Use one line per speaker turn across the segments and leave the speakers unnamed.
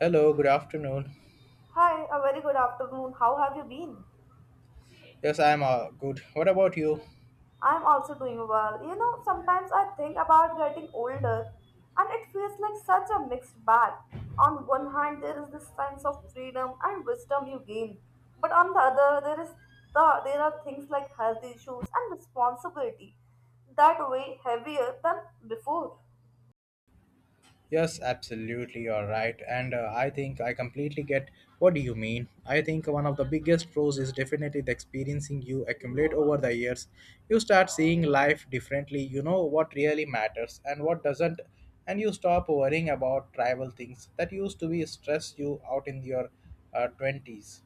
Hello, good afternoon.
Hi, a very good afternoon. How have you been?
Yes, I'm good. What about you?
I'm also doing well. You know, sometimes I think about getting older and it feels like such a mixed bag. On one hand, there is this sense of freedom and wisdom you gain, but on the other, there is there are things like health issues and responsibility that weigh heavier than before.
Yes, absolutely, you're right. And I think I completely get what do you mean. I think one of the biggest pros is definitely the experiencing you accumulate over the years. You start seeing life differently. You know what really matters and what doesn't, and you stop worrying about trivial things that used to be stress you out in your 20s.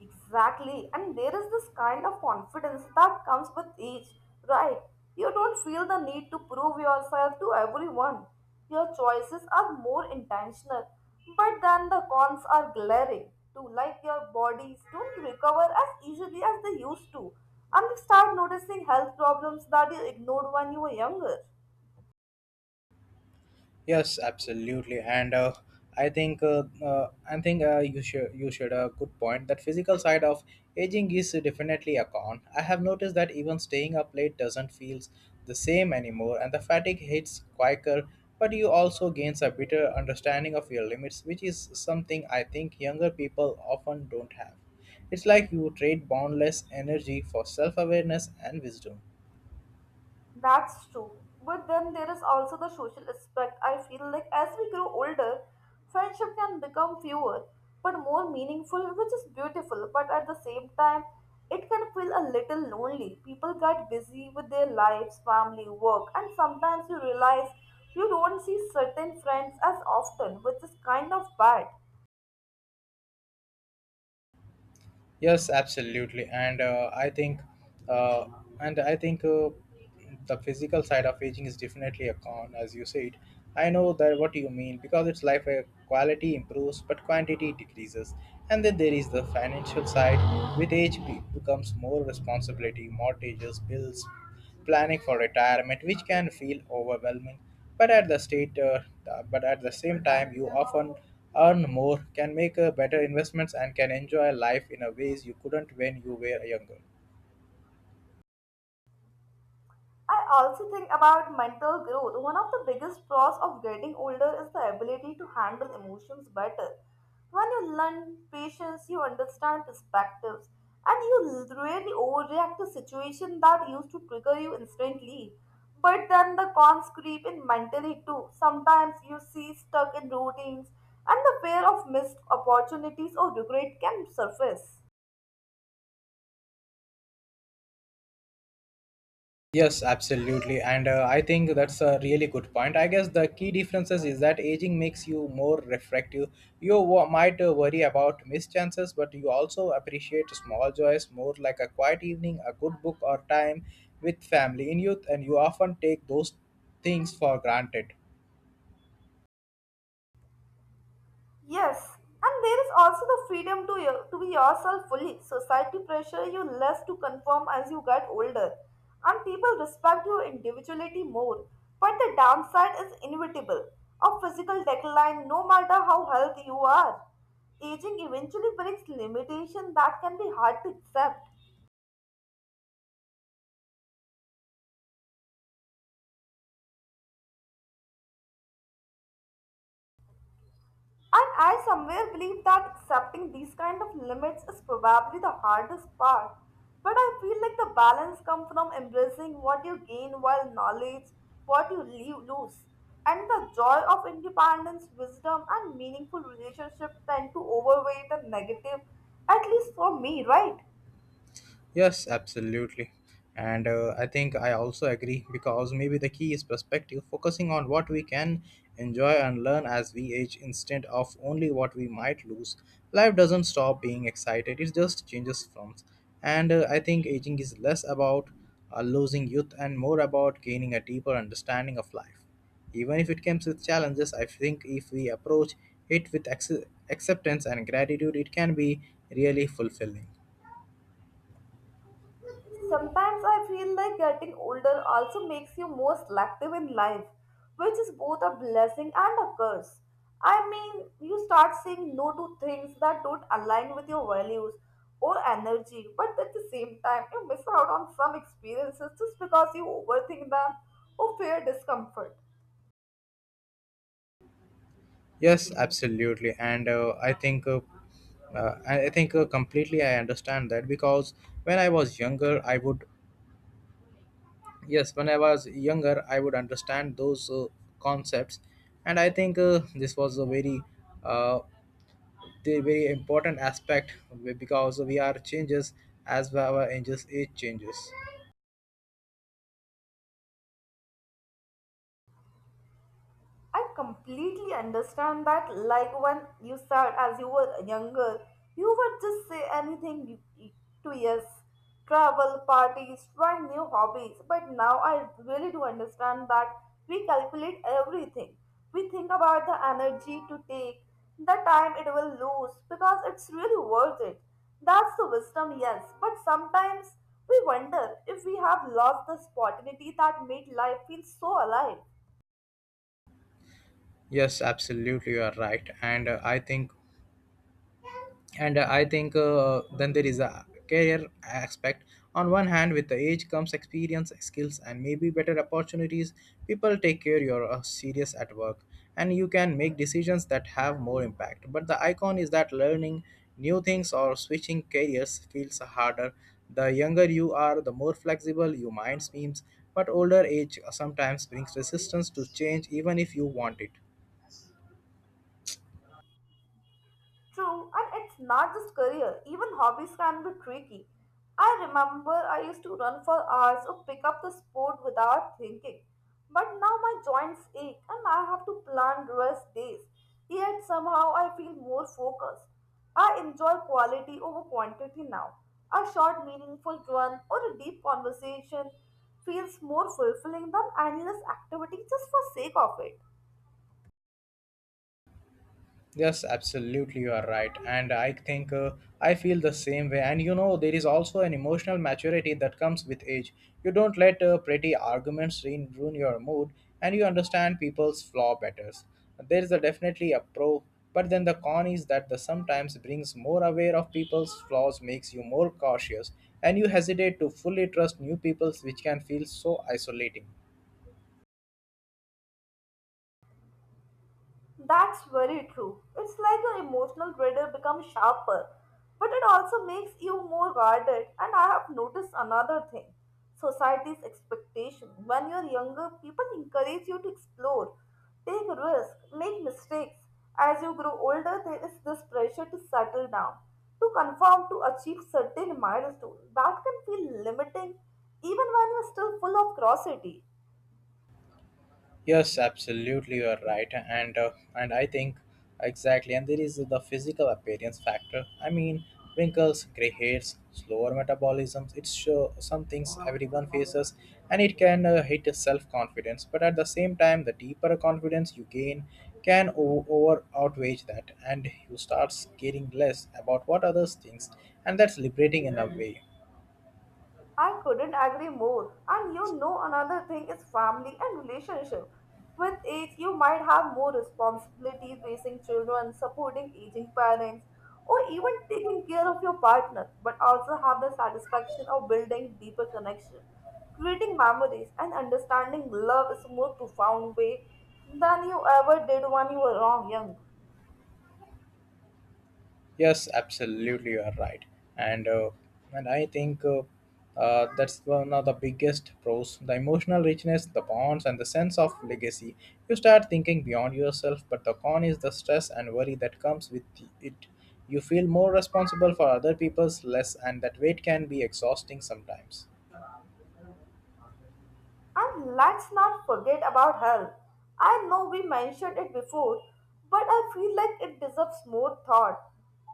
Exactly. And there is this kind of confidence that comes with age, right? You don't feel the need to prove yourself to everyone. Your choices are more intentional, but then the cons are glaring too, like your bodies don't recover as easily as they used to, and you start noticing health problems that you ignored when you were younger.
Yes, absolutely, and I think you should a good point that physical side of aging is definitely a con. I have noticed that even staying up late doesn't feel the same anymore, and the fatigue hits quicker. But you also gains a better understanding of your limits, which is something I think younger people often don't have. It's like you trade boundless energy for self-awareness and wisdom.
That's true. But then there is also the social aspect. I feel like as we grow older, friendship can become fewer but more meaningful, which is beautiful. But at the same time, it can feel a little lonely. People get busy with their lives, family, work, and sometimes you realize you don't see certain friends as often, which is kind of bad.
Yes, absolutely, and I think, uh, and I think the physical side of aging is definitely a con, as you said. I know that what you mean because it's life where quality improves but quantity decreases, and then there is the financial side. With age, becomes more responsibility, mortgages, bills, planning for retirement, which can feel overwhelming. But at the state, uh, but at the same time, you often earn more, can make better investments, and can enjoy life in a ways you couldn't when you were younger.
I also think about mental growth. One of the biggest pros of getting older is the ability to handle emotions better. When you learn patience, you understand perspectives, and you really overreact to situations that used to trigger you instantly. But then the cons creep in mentally too. Sometimes you see stuck in routines, and the fear of missed opportunities or regret can surface.
Yes, absolutely. And I think that's a really good point. I guess the key differences is that aging makes you more reflective. You might worry about missed chances, but you also appreciate small joys more like a quiet evening, a good book, or time with family. In youth, and you often take those things for granted.
Yes, and there is also the freedom to, your, to be yourself fully. Society pressure you less to conform as you get older, and people respect your individuality more. But the downside is inevitable of physical decline, no matter how healthy you are. Aging eventually brings limitation that can be hard to accept. And I somewhere believe that accepting these kind of limits is probably the hardest part. But I feel like the balance comes from embracing what you gain while knowledge what you leave lose. And the joy of independence, wisdom and meaningful relationship tend to overweight the negative, at least for me, right?
Yes, absolutely. And I think I also agree because maybe the key is perspective, focusing on what we can enjoy and learn as we age instead of only what we might lose. Life doesn't stop being excited, it just changes forms. And I think aging is less about losing youth and more about gaining a deeper understanding of life. Even if it comes with challenges, I think if we approach it with acceptance and gratitude, it can be really fulfilling.
Sometimes I feel like getting older also makes you more selective in life, which is both a blessing and a curse. I mean, you start saying no to things that don't align with your values or energy, but at the same time, you miss out on some experiences just because you overthink them or fear discomfort.
Yes, absolutely, and I think completely I understand that because when I was younger, I would yes, when I was younger, I would understand those concepts, and I think this was a uh, very important aspect because we are changes as our age changes.
I completely understand that. Like when you said, as you were younger, you would just say anything to yes, travel, parties, try new hobbies. But now I really do understand that we calculate everything. We think about the energy to take, the time it will lose, because it's really worth it. That's the wisdom, yes. But sometimes we wonder if we have lost the spontaneity that made life feel so alive.
Yes, absolutely, you are right, and I think and I think then there is a career aspect on one hand with the age comes experience skills and maybe better opportunities people take care you're serious at work and you can make decisions that have more impact but the icon is that learning new things or switching careers feels harder the younger you are the more flexible your mind seems but older age sometimes brings resistance to change even if you want it.
True, and it's not just career, even hobbies can be tricky. I remember I used to run for hours or pick up the sport without thinking. But now my joints ache and I have to plan rest days. Yet somehow I feel more focused. I enjoy quality over quantity now. A short, meaningful run or a deep conversation feels more fulfilling than endless activity just for sake of it.
Yes, absolutely, you are right. And I think I feel the same way. And you know, there is also an emotional maturity that comes with age. You don't let pretty arguments ruin your mood, and you understand people's flaw better. There is a definitely a pro, but then the con is that the sometimes brings more aware of people's flaws makes you more cautious, and you hesitate to fully trust new peoples, which can feel so isolating.
That's very true. It's like your emotional radar becomes sharper, but it also makes you more guarded. And I have noticed another thing society's expectation. When you're younger, people encourage you to explore, take risks, make mistakes. As you grow older, there is this pressure to settle down, to conform, to achieve certain milestones. That can feel limiting even when you're still full of curiosity.
Yes, absolutely, you are right, and I think exactly, and there is the physical appearance factor. I mean, wrinkles, gray hairs, slower metabolisms. It's sure some things everyone faces, and it can hit self confidence. But at the same time, the deeper confidence you gain can over outweigh that, and you start caring less about what others thinks, and that's liberating in a way.
I couldn't agree more. And you know, another thing is family and relationship. With age, you might have more responsibilities, raising children, supporting aging parents, or even taking care of your partner, but also have the satisfaction of building deeper connection, creating memories, and understanding love is a more profound way than you ever did when you were wrong young.
Yes, absolutely, you are right, and uh, and I think that's one of the biggest pros: the emotional richness, the bonds, and the sense of legacy. You start thinking beyond yourself, but the con is the stress and worry that comes with it. You feel more responsible for other people's less, and that weight can be exhausting sometimes.
And let's not forget about health. I know we mentioned it before, but I feel like it deserves more thought.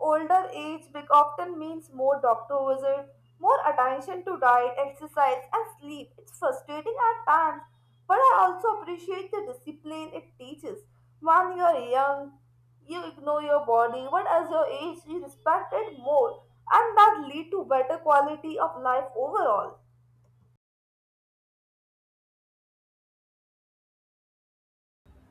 Older age big often means more doctor visit, more attention to diet, exercise, and sleep. It's frustrating at times, but I also appreciate the discipline it teaches. When you're young, you ignore your body, but as your age, you respect it more, and that lead to better quality of life overall.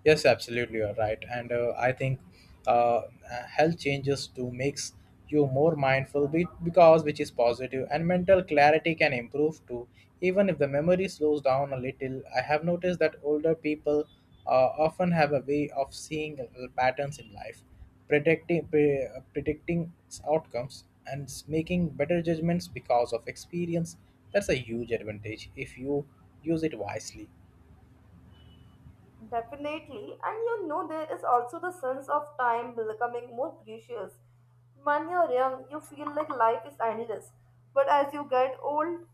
Yes, absolutely, you're right. And I think uh, health changes to makes you more mindful because which is positive and mental clarity can improve too. Even if the memory slows down a little, I have noticed that older people often have a way of seeing patterns in life, predicting outcomes and making better judgments because of experience. That's a huge advantage if you use it wisely.
Definitely, and you know, there is also the sense of time becoming more precious. When you're young, you feel like life is endless, but as you get old,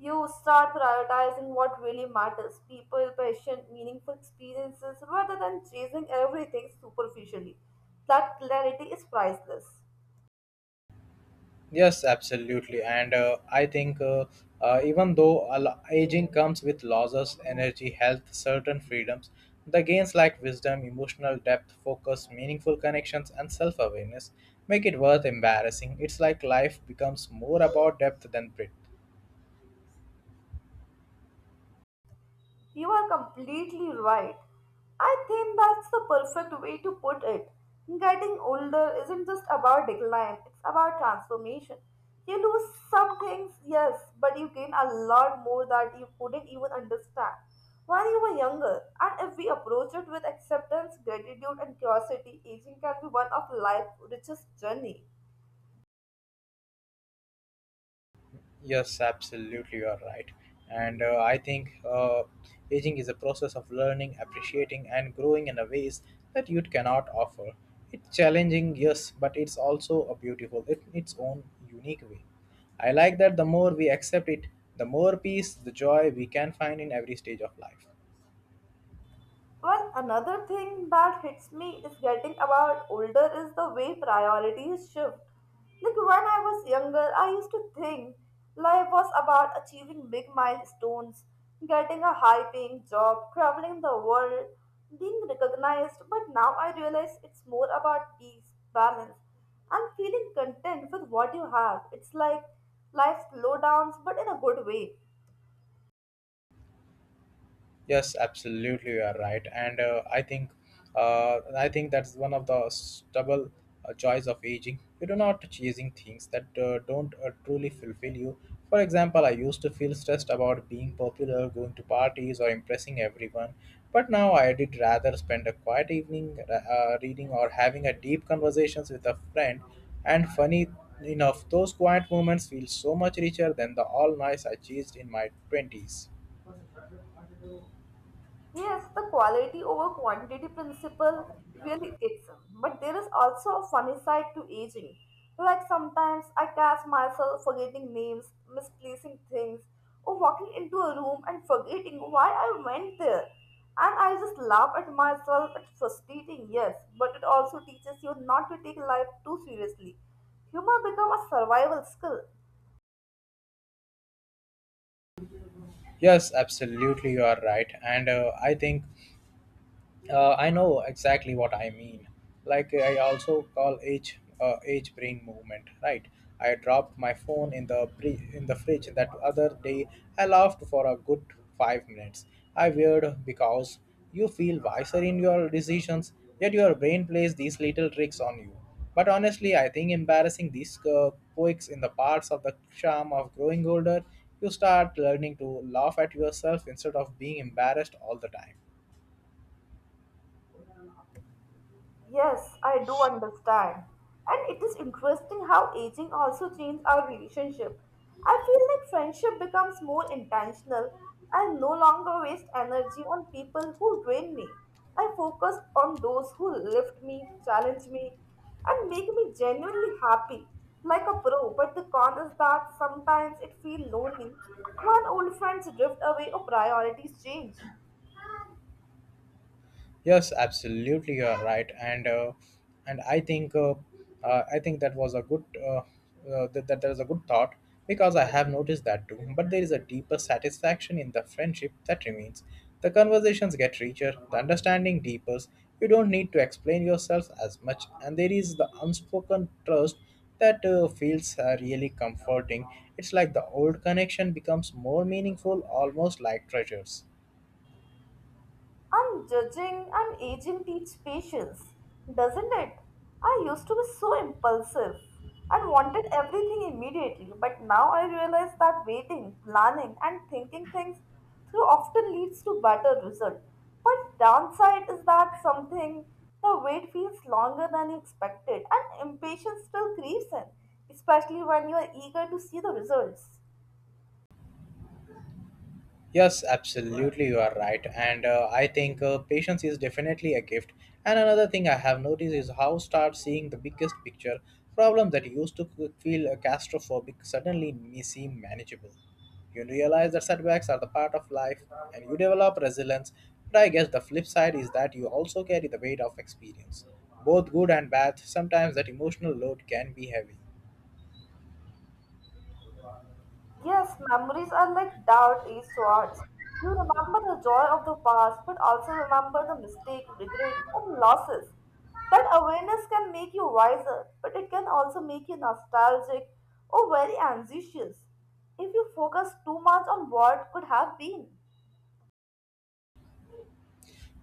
you start prioritizing what really matters people, passion, meaningful experiences rather than chasing everything superficially. That clarity is priceless.
Yes, absolutely. And I think even though a aging comes with losses, energy, health, certain freedoms, the gains like wisdom, emotional depth, focus, meaningful connections, and self awareness make it worth embarrassing. It's like life becomes more about depth than breadth.
You are completely right. I think that's the perfect way to put it. Getting older isn't just about decline, it's about transformation. You lose some things, yes, but you gain a lot more that you couldn't even understand when you were younger. And if we approach it with acceptance, gratitude, and curiosity, aging can be one of life's richest journey.
Yes, absolutely, you are right. And I think aging is a process of learning, appreciating, and growing in a ways that youth cannot offer. It's challenging, yes, but it's also a beautiful in its own unique way. I like that the more we accept it, the more peace, the joy we can find in every stage of life.
Well, another thing that hits me is getting about older is the way priorities shift. Like when I was younger, I used to think life was about achieving big milestones, getting a high paying job, traveling the world, being recognized. But now I realize it's more about peace, balance, and feeling content with what you have. It's like life slowdowns, but in a good way.
Yes, absolutely, you are right, and I think that's one of the stubble joys of aging. You do not chasing things that don't truly fulfill you. For example, I used to feel stressed about being popular, going to parties, or impressing everyone, but now I did rather spend a quiet evening reading or having a deep conversations with a friend. And funny enough, those quiet moments feel so much richer than the all nights I chased in my twenties.
Yes, the quality over quantity principle really kicks in. But there is also a funny side to aging. Like sometimes I catch myself forgetting names, misplacing things, or walking into a room and forgetting why I went there. And I just laugh at myself. It's frustrating, yes, but it also teaches you not to take life too seriously. Humor becomes a survival skill.
Yes, absolutely, you are right. And I know exactly what I mean. Like I also call age age brain movement, right? I dropped my phone in the fridge that other day. I laughed for a good 5 minutes. I weird because you feel wiser in your decisions, yet your brain plays these little tricks on you. But honestly, I think embarrassing these quirks in the parts of the charm of growing older, you start learning to laugh at yourself instead of being embarrassed all the time.
Yes, I do understand. And it is interesting how aging also changes our relationship. I feel like friendship becomes more intentional. I no longer waste energy on people who drain me. I focus on those who lift me, challenge me, and make me genuinely happy, like a pro. But the con is that sometimes it feels lonely when old friends drift away or priorities change.
Yes, absolutely, you are right, and I think that was a good that that was a good thought because I have noticed that too. But there is a deeper satisfaction in the friendship that remains. The conversations get richer, the understanding deepens. You don't need to explain yourself as much, and there is the unspoken trust that feels really comforting. It's like the old connection becomes more meaningful, almost like treasures.
And judging and aging teach patience, doesn't it? I used to be so impulsive and wanted everything immediately, but now I realize that waiting, planning, and thinking things through often leads to better result. But downside is that something the wait feels longer than you expected, and impatience still creeps in, especially when you are eager to see the results.
Yes, absolutely, you are right. And I think patience is definitely a gift. And another thing I have noticed is how start seeing the biggest picture problems that used to feel claustrophobic suddenly may seem manageable. You realize that setbacks are the part of life and you develop resilience. But I guess the flip side is that you also carry the weight of experience, both good and bad. Sometimes that emotional load can be heavy.
Yes, memories are like doubt is swords. You remember the joy of the past, but also remember the mistake, regrets, and losses. That awareness can make you wiser, but it can also make you nostalgic or very anxious if you focus too much on what could have been.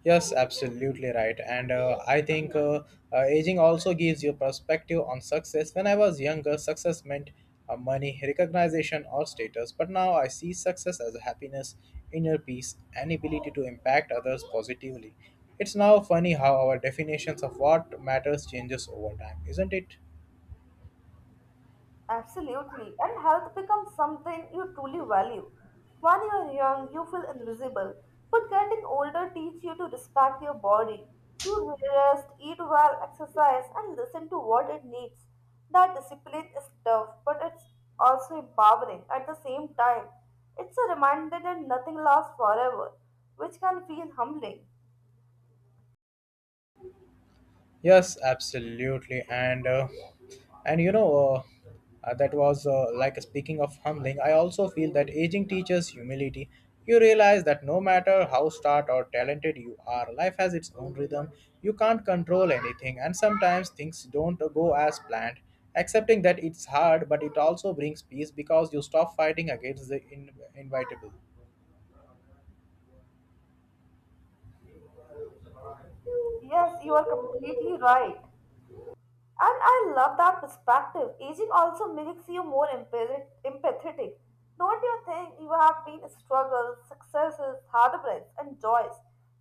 Yes, absolutely right. And I think aging also gives you perspective on success. When I was younger, success meant money, recognition, or status. But now I see success as happiness, inner peace, and ability to impact others positively. It's now funny how our definitions of what matters changes over time, isn't it?
Absolutely. And health becomes something you truly value. When you are young, you feel invisible. But getting older teaches you to respect your body, to rest, eat well, exercise, and listen to what it needs. That discipline is tough, but it's also empowering at the same time. It's a reminder that nothing lasts forever, which can feel humbling.
Yes, absolutely. And you know that was like speaking of humbling. I also feel that aging teaches humility. You realize that no matter how smart or talented you are, life has its own rhythm. You can't control anything, and sometimes things don't go as planned. Accepting that it's hard, but it also brings peace because you stop fighting against the inevitable.
Yes, you are completely right. And I love that perspective. Aging also makes you more empathetic. Don't you think you have been struggles, successes, heartbreaks, and joys,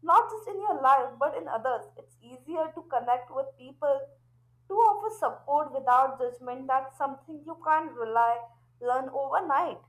not just in your life but in others? It's easier to connect with people to offer support without judgment. That's something you can't rely learn overnight.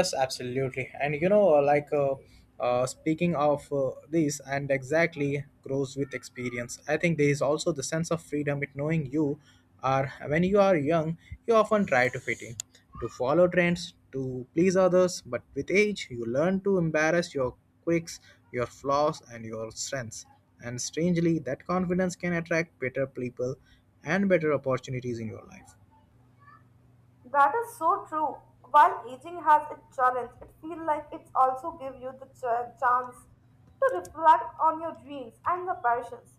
Yes, absolutely. And you know, speaking of this, and exactly grows with experience. I think there is also the sense of freedom with knowing you are when you are young, you often try to fit in, to follow trends, to please others. But with age, you learn to embrace your quirks, your flaws, and your strengths. And strangely, that confidence can attract better people and better opportunities in your life.
That is so true. While aging has its challenge, it feels like it's also gives you the chance to reflect on your dreams and the passions.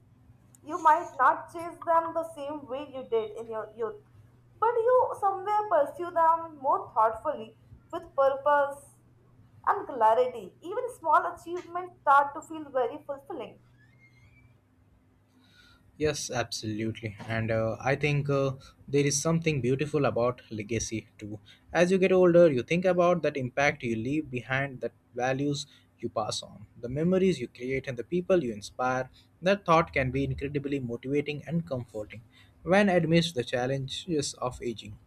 You might not chase them the same way you did in your youth, but you somewhere pursue them more thoughtfully with purpose and clarity. Even small achievements start to feel very fulfilling.
Yes, absolutely. And I think there is something beautiful about legacy too. As you get older, you think about that impact you leave behind, that values you pass on, the memories you create, and the people you inspire. That thought can be incredibly motivating and comforting when amidst the challenges of aging.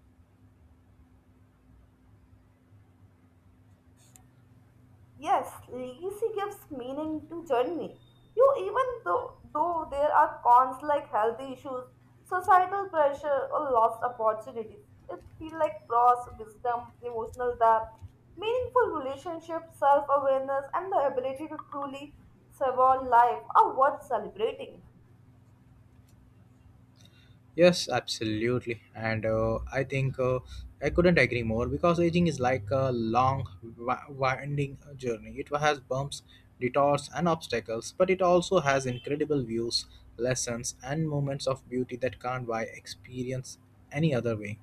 Yes, legacy gives meaning to journey. You even though there are cons like health issues, societal pressure or lost opportunities. It feels like pros, wisdom, emotional depth, meaningful relationships, self-awareness and the ability to truly savour life are worth celebrating.
Yes, absolutely. And I think I couldn't agree more because aging is like a long, winding journey. It has bumps, detours, and obstacles, but it also has incredible views, lessons, and moments of beauty that can't buy experience any other way.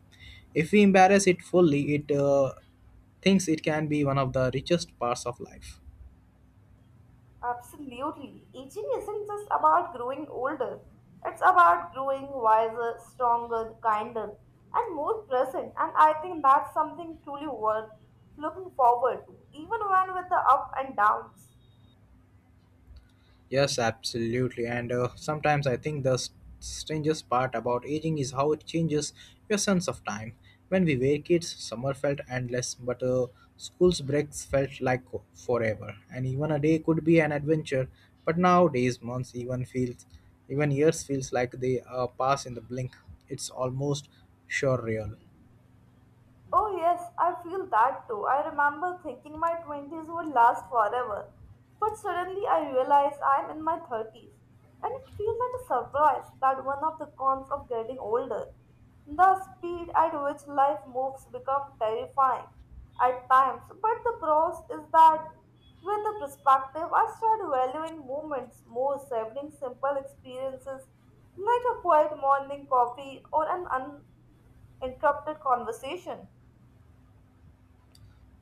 If we embrace it fully, it thinks it can be one of the richest parts of life.
Absolutely. Aging isn't just about growing older, it's about growing wiser, stronger, kinder, and more present. And I think that's something truly worth looking forward to, even when with the up and downs.
Yes, absolutely. And Sometimes I think the strangest part about aging is how it changes your sense of time. When we were kids, summer felt endless, but school's breaks felt like forever. And even a day could be an adventure. But nowadays, even years feels like they pass in the blink. It's almost surreal.
Oh, yes, I feel that too. I remember thinking my 20s would last forever, but suddenly I realized I'm in my 30s, and it feels like a surprise that one of the cons of getting older, the speed at which life moves become terrifying at times, but the pros is that with the perspective, I start valuing moments more, savoring simple experiences like a quiet morning coffee or an uninterrupted conversation.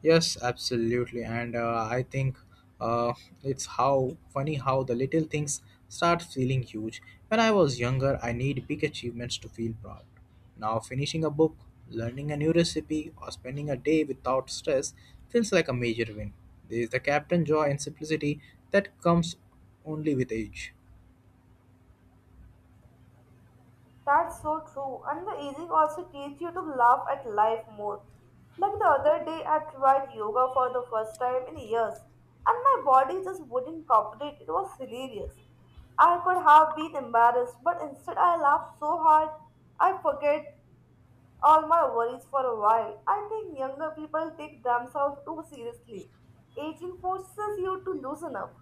Yes, absolutely. And I think uh, it's how funny how the little things start feeling huge. When I was younger, I need big achievements to feel proud. Now, finishing a book, learning a new recipe, or spending a day without stress feels like a major win. There is the captain joy and simplicity that comes only with age.
That's so true. And the easing also teach you to laugh at life more. Like the other day, I tried yoga for the first time in years, and my body just wouldn't cooperate. It was hilarious. I could have been embarrassed, but instead I laughed so hard, I forget all my worries for a while. I think younger people take themselves too seriously. Aging forces you to loosen up.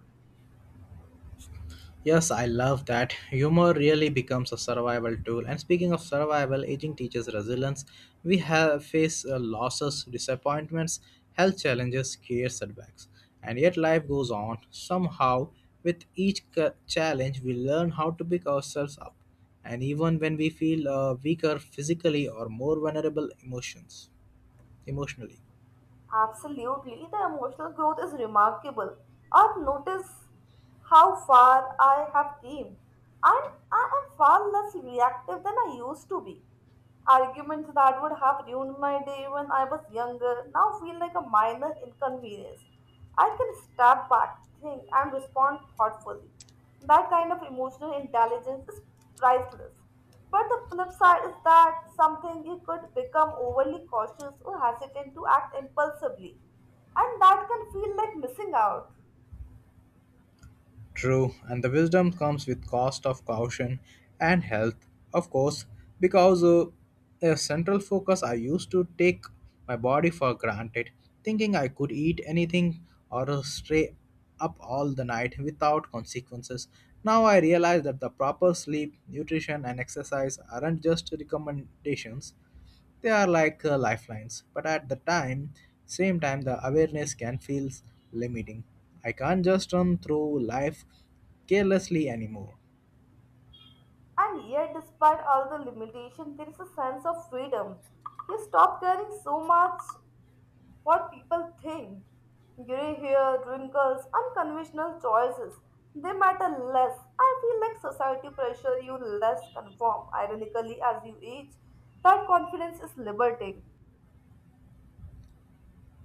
Yes, I love that. Humor really becomes a survival tool. And speaking of survival, aging teaches resilience. We have face losses, disappointments, health challenges, career setbacks, and yet life goes on. Somehow, with each challenge, we learn how to pick ourselves up, and even when we feel weaker physically or more vulnerable emotionally.
Absolutely, the emotional growth is remarkable. I've noticed how far I have came, and I am far less reactive than I used to be. Arguments that would have ruined my day when I was younger now feel like a minor inconvenience. I can step back, think, and respond thoughtfully. That kind of emotional intelligence is priceless. But the flip side is that something you could become overly cautious or hesitant to act impulsively, and that can feel like missing out.
True, and the wisdom comes with cost of caution and health, of course, because a central focus I used to take my body for granted, thinking I could eat anything or stay up all the night without consequences. Now I realize that the proper sleep, nutrition, and exercise aren't just recommendations. They are like lifelines, but at the same time, the awareness can feel limiting. I can't just run through life carelessly anymore.
And yet, despite all the limitation, there is a sense of freedom. You stop caring so much what people think. Gray hair, wrinkles, unconventional choices, they matter less. I feel like society pressure you less conform. Ironically, as you age, that confidence is liberating.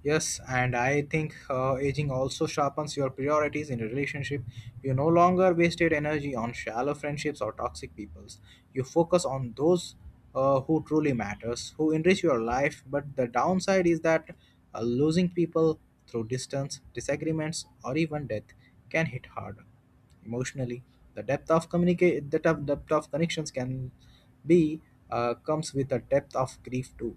Yes, and I think aging also sharpens your priorities in a relationship. You no longer wasted energy on shallow friendships or toxic peoples. You focus on those who truly matters, who enrich your life. But the downside is that losing people through distance, disagreements, or even death can hit hard emotionally. The depth of communicate, the depth of connections can be comes with a depth of grief too.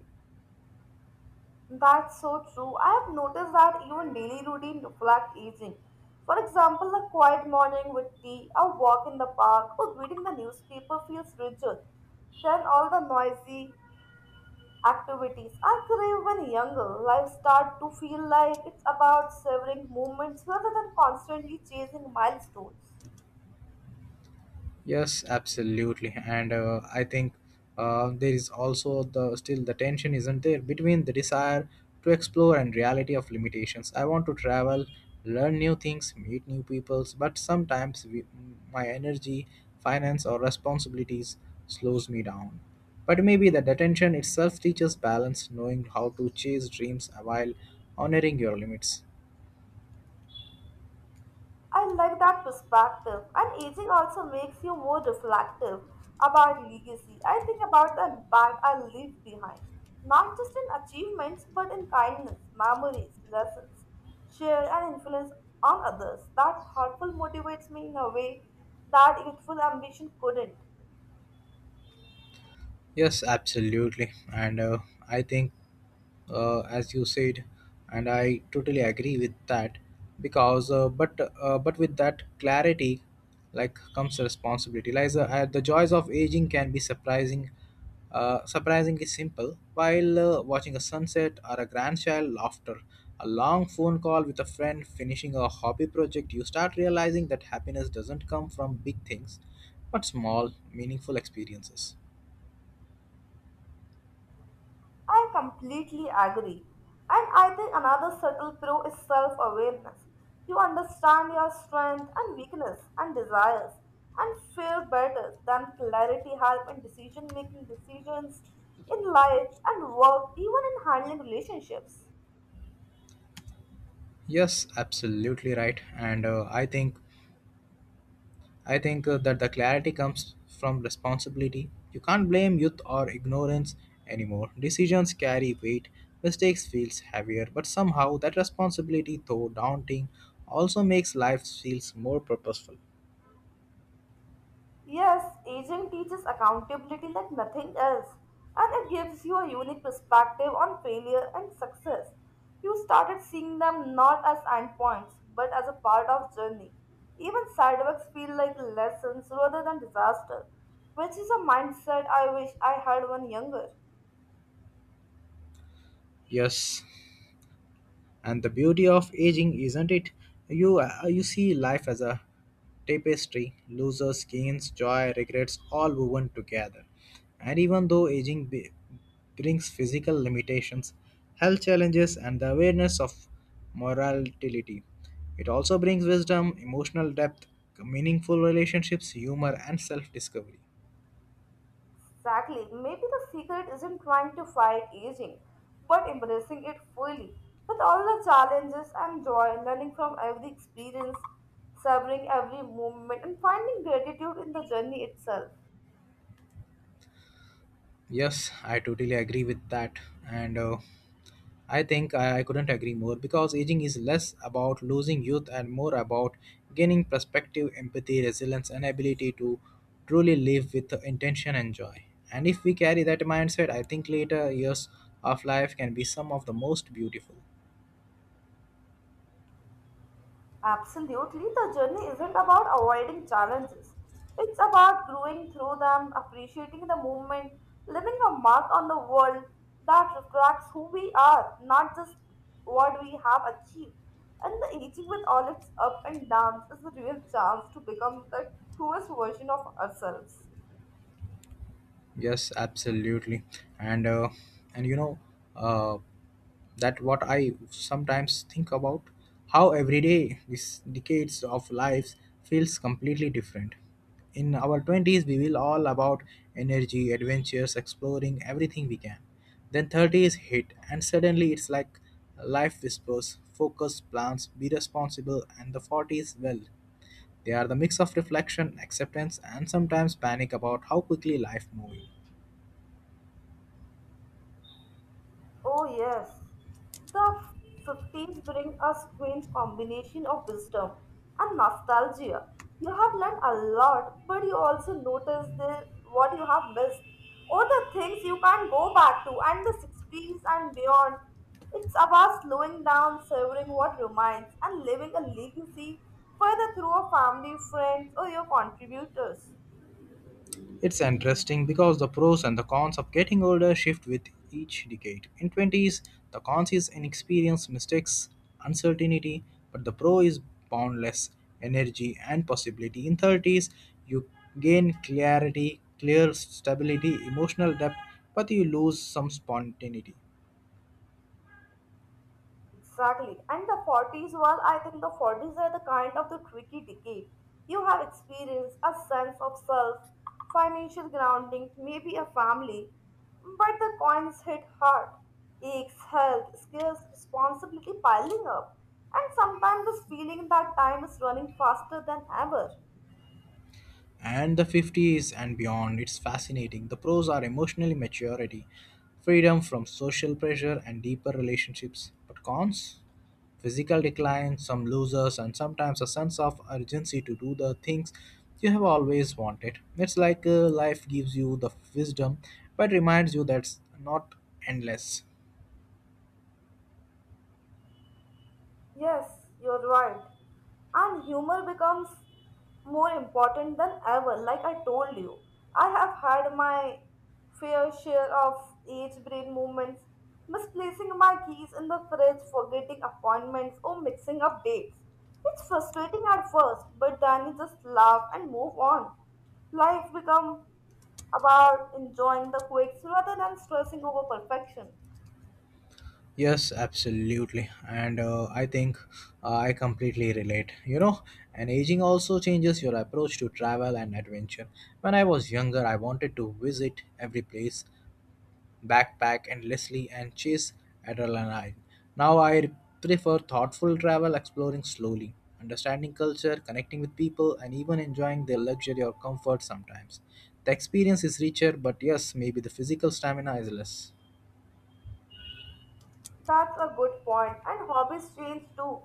That's so true. I have noticed that even daily routine reflect aging. For example, a quiet morning with tea, a walk in the park, or reading the newspaper feels richer than all the noisy activities. I crave when younger, life start to feel like it's about savoring moments rather than constantly chasing milestones.
Yes, absolutely, and I think there is also the still the tension isn't there between the desire to explore and reality of limitations. I want to travel, learn new things, meet new peoples, but sometimes my energy, finance, or responsibilities slows me down. But maybe the detention itself teaches balance, knowing how to chase dreams while honoring your limits.
I like that perspective, and aging also makes you more reflective about legacy. I think about the impact I leave behind, not just in achievements, but in kindness, memories, lessons, share and influence on others. That thoughtful motivates me in a way that youthful ambition couldn't.
Yes, absolutely. I think, as you said, and I totally agree with that because but with that clarity, like comes responsibility. Lies the joys of aging can be surprisingly simple. While watching a sunset or a grandchild laughter, a long phone call with a friend, finishing a hobby project, you start realizing that happiness doesn't come from big things, but small, meaningful experiences.
I completely agree. And I think another subtle pro is self awareness. You understand your strength and weakness and desires and fare better than clarity help in decisions in life and work, even in handling relationships.
Yes, absolutely right. And I think that the clarity comes from responsibility. You can't blame youth or ignorance anymore. Decisions carry weight. Mistakes feels heavier, but somehow that responsibility, though daunting, also makes life feels more purposeful.
Yes, aging teaches accountability like nothing else, and it gives you a unique perspective on failure and success. You started seeing them not as endpoints, but as a part of journey. Even setbacks feel like lessons rather than disaster, which is a mindset I wish I had when younger.
Yes, and the beauty of aging isn't it you see life as a tapestry, losers, gains, joy, regrets, all woven together. And even though aging brings physical limitations, health challenges, and the awareness of mortality, it also brings wisdom, emotional depth, meaningful relationships, humor, and self-discovery.
Exactly. Maybe the secret isn't trying to fight aging, but embracing it fully. With all the challenges and joy, learning from every experience, savoring every moment, and finding gratitude in the journey itself.
Yes, I totally agree with that. And I couldn't agree more because aging is less about losing youth and more about gaining perspective, empathy, resilience, and ability to truly live with intention and joy. And if we carry that mindset, I think later years of life can be some of the most beautiful.
Absolutely, the journey isn't about avoiding challenges. It's about growing through them, appreciating the movement, leaving a mark on the world that reflects who we are, not just what we have achieved. And the aging with all its up and downs is a real chance to become the truest version of ourselves.
Yes, absolutely. And uh, and you know, uh, that what I sometimes think about, how every day this decades of lives feels completely different. In our 20s, we will all about energy, adventures, exploring everything we can. Then 30s hit and suddenly it's like life whispers focus, plans, be responsible. And the 40s, well, they are the mix of reflection, acceptance, and sometimes panic about how quickly life moves.
Oh, yes. The 50s bring a strange combination of wisdom and nostalgia. You have learned a lot, but you also notice what you have missed or the things you can't go back to, and the 60s and beyond. It's about slowing down, savoring what remains, and leaving a legacy further through a family, friends, or your contributors.
It's interesting because the pros and the cons of getting older shift with each decade. In 20s, the cons is inexperience, mistakes, uncertainty, but the pro is boundless energy and possibility. In 30s, you gain clarity, clear stability, emotional depth, but you lose some spontaneity.
Exactly. And the 40s, well, I think the 40s are the kind of the tricky decade. You have experienced a sense of self, financial grounding, maybe a family, but the coins hit hard. Aches, health, skills, responsibility piling up. And sometimes this feeling that time is running faster than ever.
And the 50s and beyond. It's fascinating. The pros are emotional maturity, freedom from social pressure, and deeper relationships. But cons? Physical decline, some losers, and sometimes a sense of urgency to do the things you have always wanted. It's like life gives you the wisdom but reminds you that's not endless.
Yes, you're right. And humor becomes more important than ever, like I told you. I have had my fair share of age brain moments, misplacing my keys in the fridge, forgetting appointments, or mixing up dates. It's frustrating at first, but then you just laugh and move on. Life becomes about enjoying the quirks rather than stressing over perfection.
Yes, absolutely. And I think I completely relate. You know, and aging also changes your approach to travel and adventure. When I was younger, I wanted to visit every place, backpack endlessly, and chase adrenaline. Now I prefer thoughtful travel, exploring slowly, understanding culture, connecting with people, and even enjoying their luxury or comfort sometimes. The experience is richer, but yes, maybe the physical stamina is less.
That's a good point, and hobbies change too.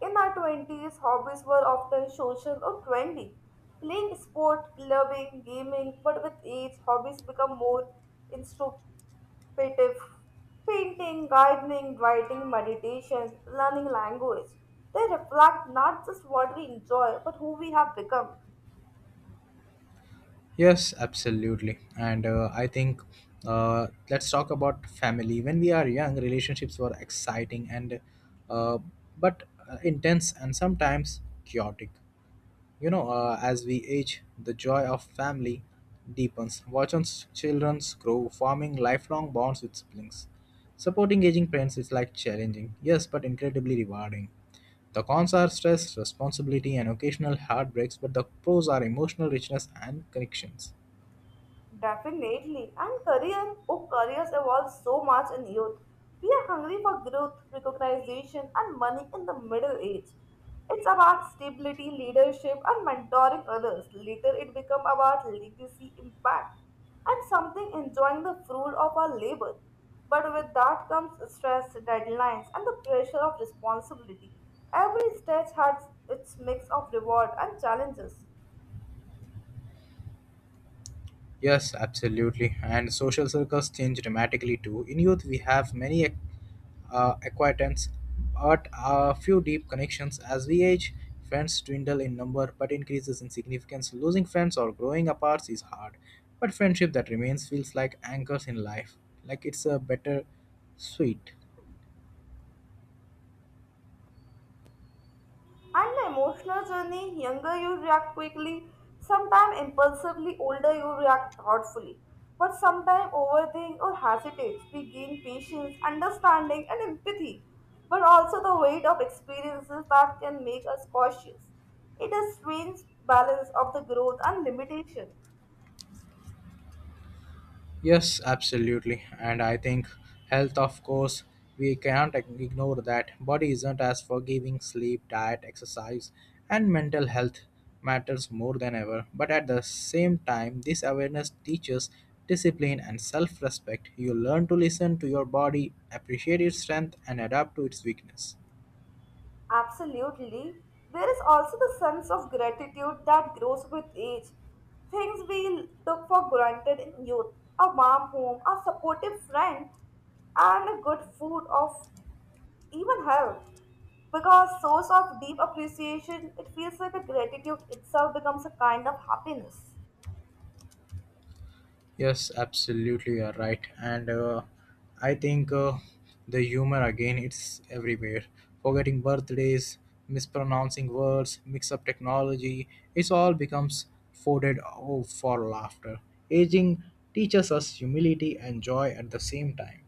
In our 20s, hobbies were often social or trendy. Playing sport, clubbing, gaming, but with age, hobbies become more introspective. Painting, gardening, writing, meditation, learning language. They reflect not just what we enjoy, but who we have become.
Yes, absolutely. And I think let's talk about family. When we are young, relationships were exciting and uh, but intense and sometimes chaotic. You know, as we age, the joy of family deepens. Watch on children grow, forming lifelong bonds with siblings. Supporting aging parents is like challenging, yes, but incredibly rewarding. The cons are stress, responsibility, and occasional heartbreaks, but the pros are emotional richness and connections.
Definitely. And career, oh, careers evolve so much in youth. We are hungry for growth, recognition, and money in the middle age. It's about stability, leadership, and mentoring others. Later, it becomes about legacy, impact, and something enjoying the fruit of our labor. But with that comes stress, deadlines, and the pressure of responsibility. Every stage has its mix of reward and challenges.
Yes, absolutely. And social circles change dramatically too. In youth, we have many acquaintance, but a few deep connections. As we age, friends dwindle in number but increases in significance. Losing friends or growing apart is hard, but friendship that remains feels like anchors in life, like it's a better sweet.
And the emotional journey, younger you react quickly, sometimes impulsively, older you react thoughtfully. But sometimes overthink or hesitate. We gain patience, understanding, and empathy, but also the weight of experiences that can make us cautious. It is strange balance of the growth and limitation.
Yes, absolutely. And I think health, of course, we can't ignore that. Body isn't as forgiving, sleep, diet, exercise, and mental health matters more than ever. But at the same time, this awareness teaches discipline and self respect. You learn to listen to your body, appreciate its strength, and adapt to its weakness.
Absolutely. There is also the sense of gratitude that grows with age. Things we took for granted in youth a warm home, a supportive friend, and a good food of even health. Because source of deep appreciation, it feels like the gratitude itself becomes a kind of happiness.
Yes, absolutely, you're right. And I think the humor again, it's everywhere. Forgetting birthdays, mispronouncing words, mix up technology, it's all becomes folded oh, for laughter. Aging teaches us humility and joy at the same time.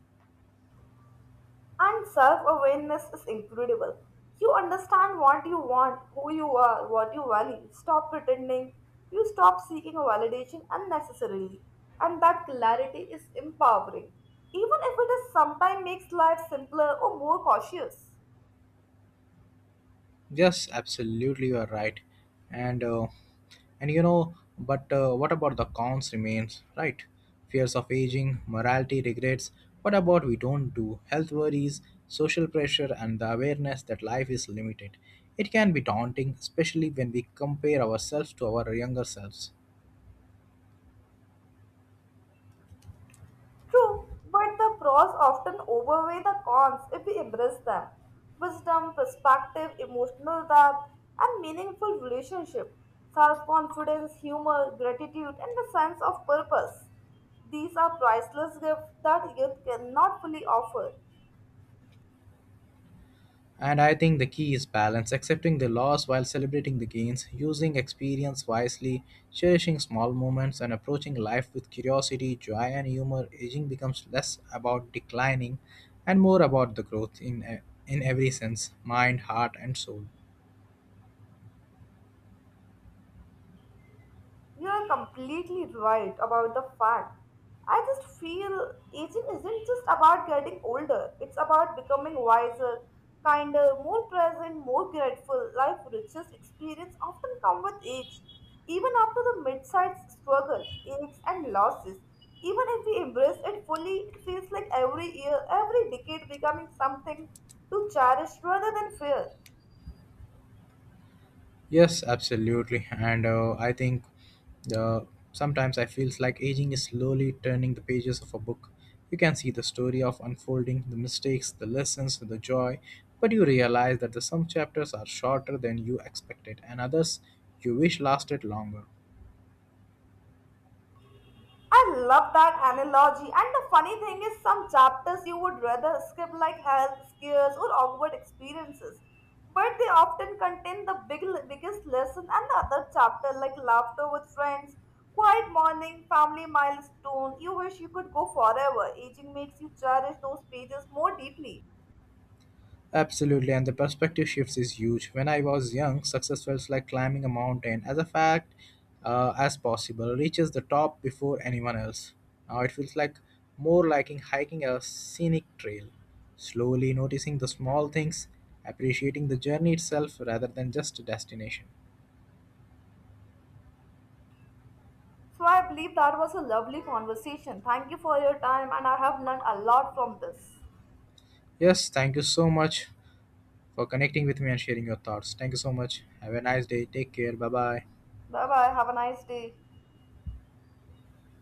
And self awareness is incredible. You understand what you want, who you are, what you value. Stop pretending. You stop seeking a validation unnecessarily. And that clarity is empowering. Even if it is sometimes makes life simpler or more cautious.
Yes, absolutely, you are right. And uh, and you know, but what about the cons remains, right? Fears of aging, morality, regrets. What about we don't do? Health worries, social pressure, and the awareness that life is limited. It can be daunting, especially when we compare ourselves to our younger selves.
True, but the pros often outweigh the cons if we embrace them. Wisdom, perspective, emotional depth, and meaningful relationship, self confidence, humor, gratitude, and the sense of purpose. These are priceless gifts that youth cannot fully offer.
And I think the key is balance, accepting the loss while celebrating the gains, using experience wisely, cherishing small moments, and approaching life with curiosity, joy, and humor. Aging becomes less about declining and more about the growth in every sense, mind, heart, and soul.
You are completely right about the fact. I just feel aging isn't just about getting older, it's about becoming wiser, kinder, more present, more grateful. Life richest experience often come with age. Even after the mid-sized struggle, aches and losses, even if we embrace it fully, it feels like every year, every decade becoming something to cherish rather than fear.
Yes, absolutely. And I think the sometimes I feels like aging is slowly turning the pages of a book. You can see the story of unfolding, the mistakes, the lessons, the joy, but you realize that the, some chapters are shorter than you expected and others you wish lasted longer.
I love that analogy. And the funny thing is, some chapters you would rather skip, like health scares or awkward experiences, but they often contain biggest lesson. And the other chapter, like laughter with friends, quiet morning, family milestone, you wish you could go forever. Aging makes you cherish those pages more deeply.
Absolutely, and the perspective shifts is huge. When I was young, success felt like climbing a mountain. As a fact, as possible, reaches the top before anyone else. Now it feels like more like hiking a scenic trail, slowly noticing the small things, appreciating the journey itself rather than just a destination.
So I believe that was a lovely conversation. Thank you for your time, and I have learned a lot from this.
Yes, thank you so much for connecting with me and sharing your thoughts. Thank you so much. Have a nice day. Take care. Bye bye.
Bye bye. Have a nice day.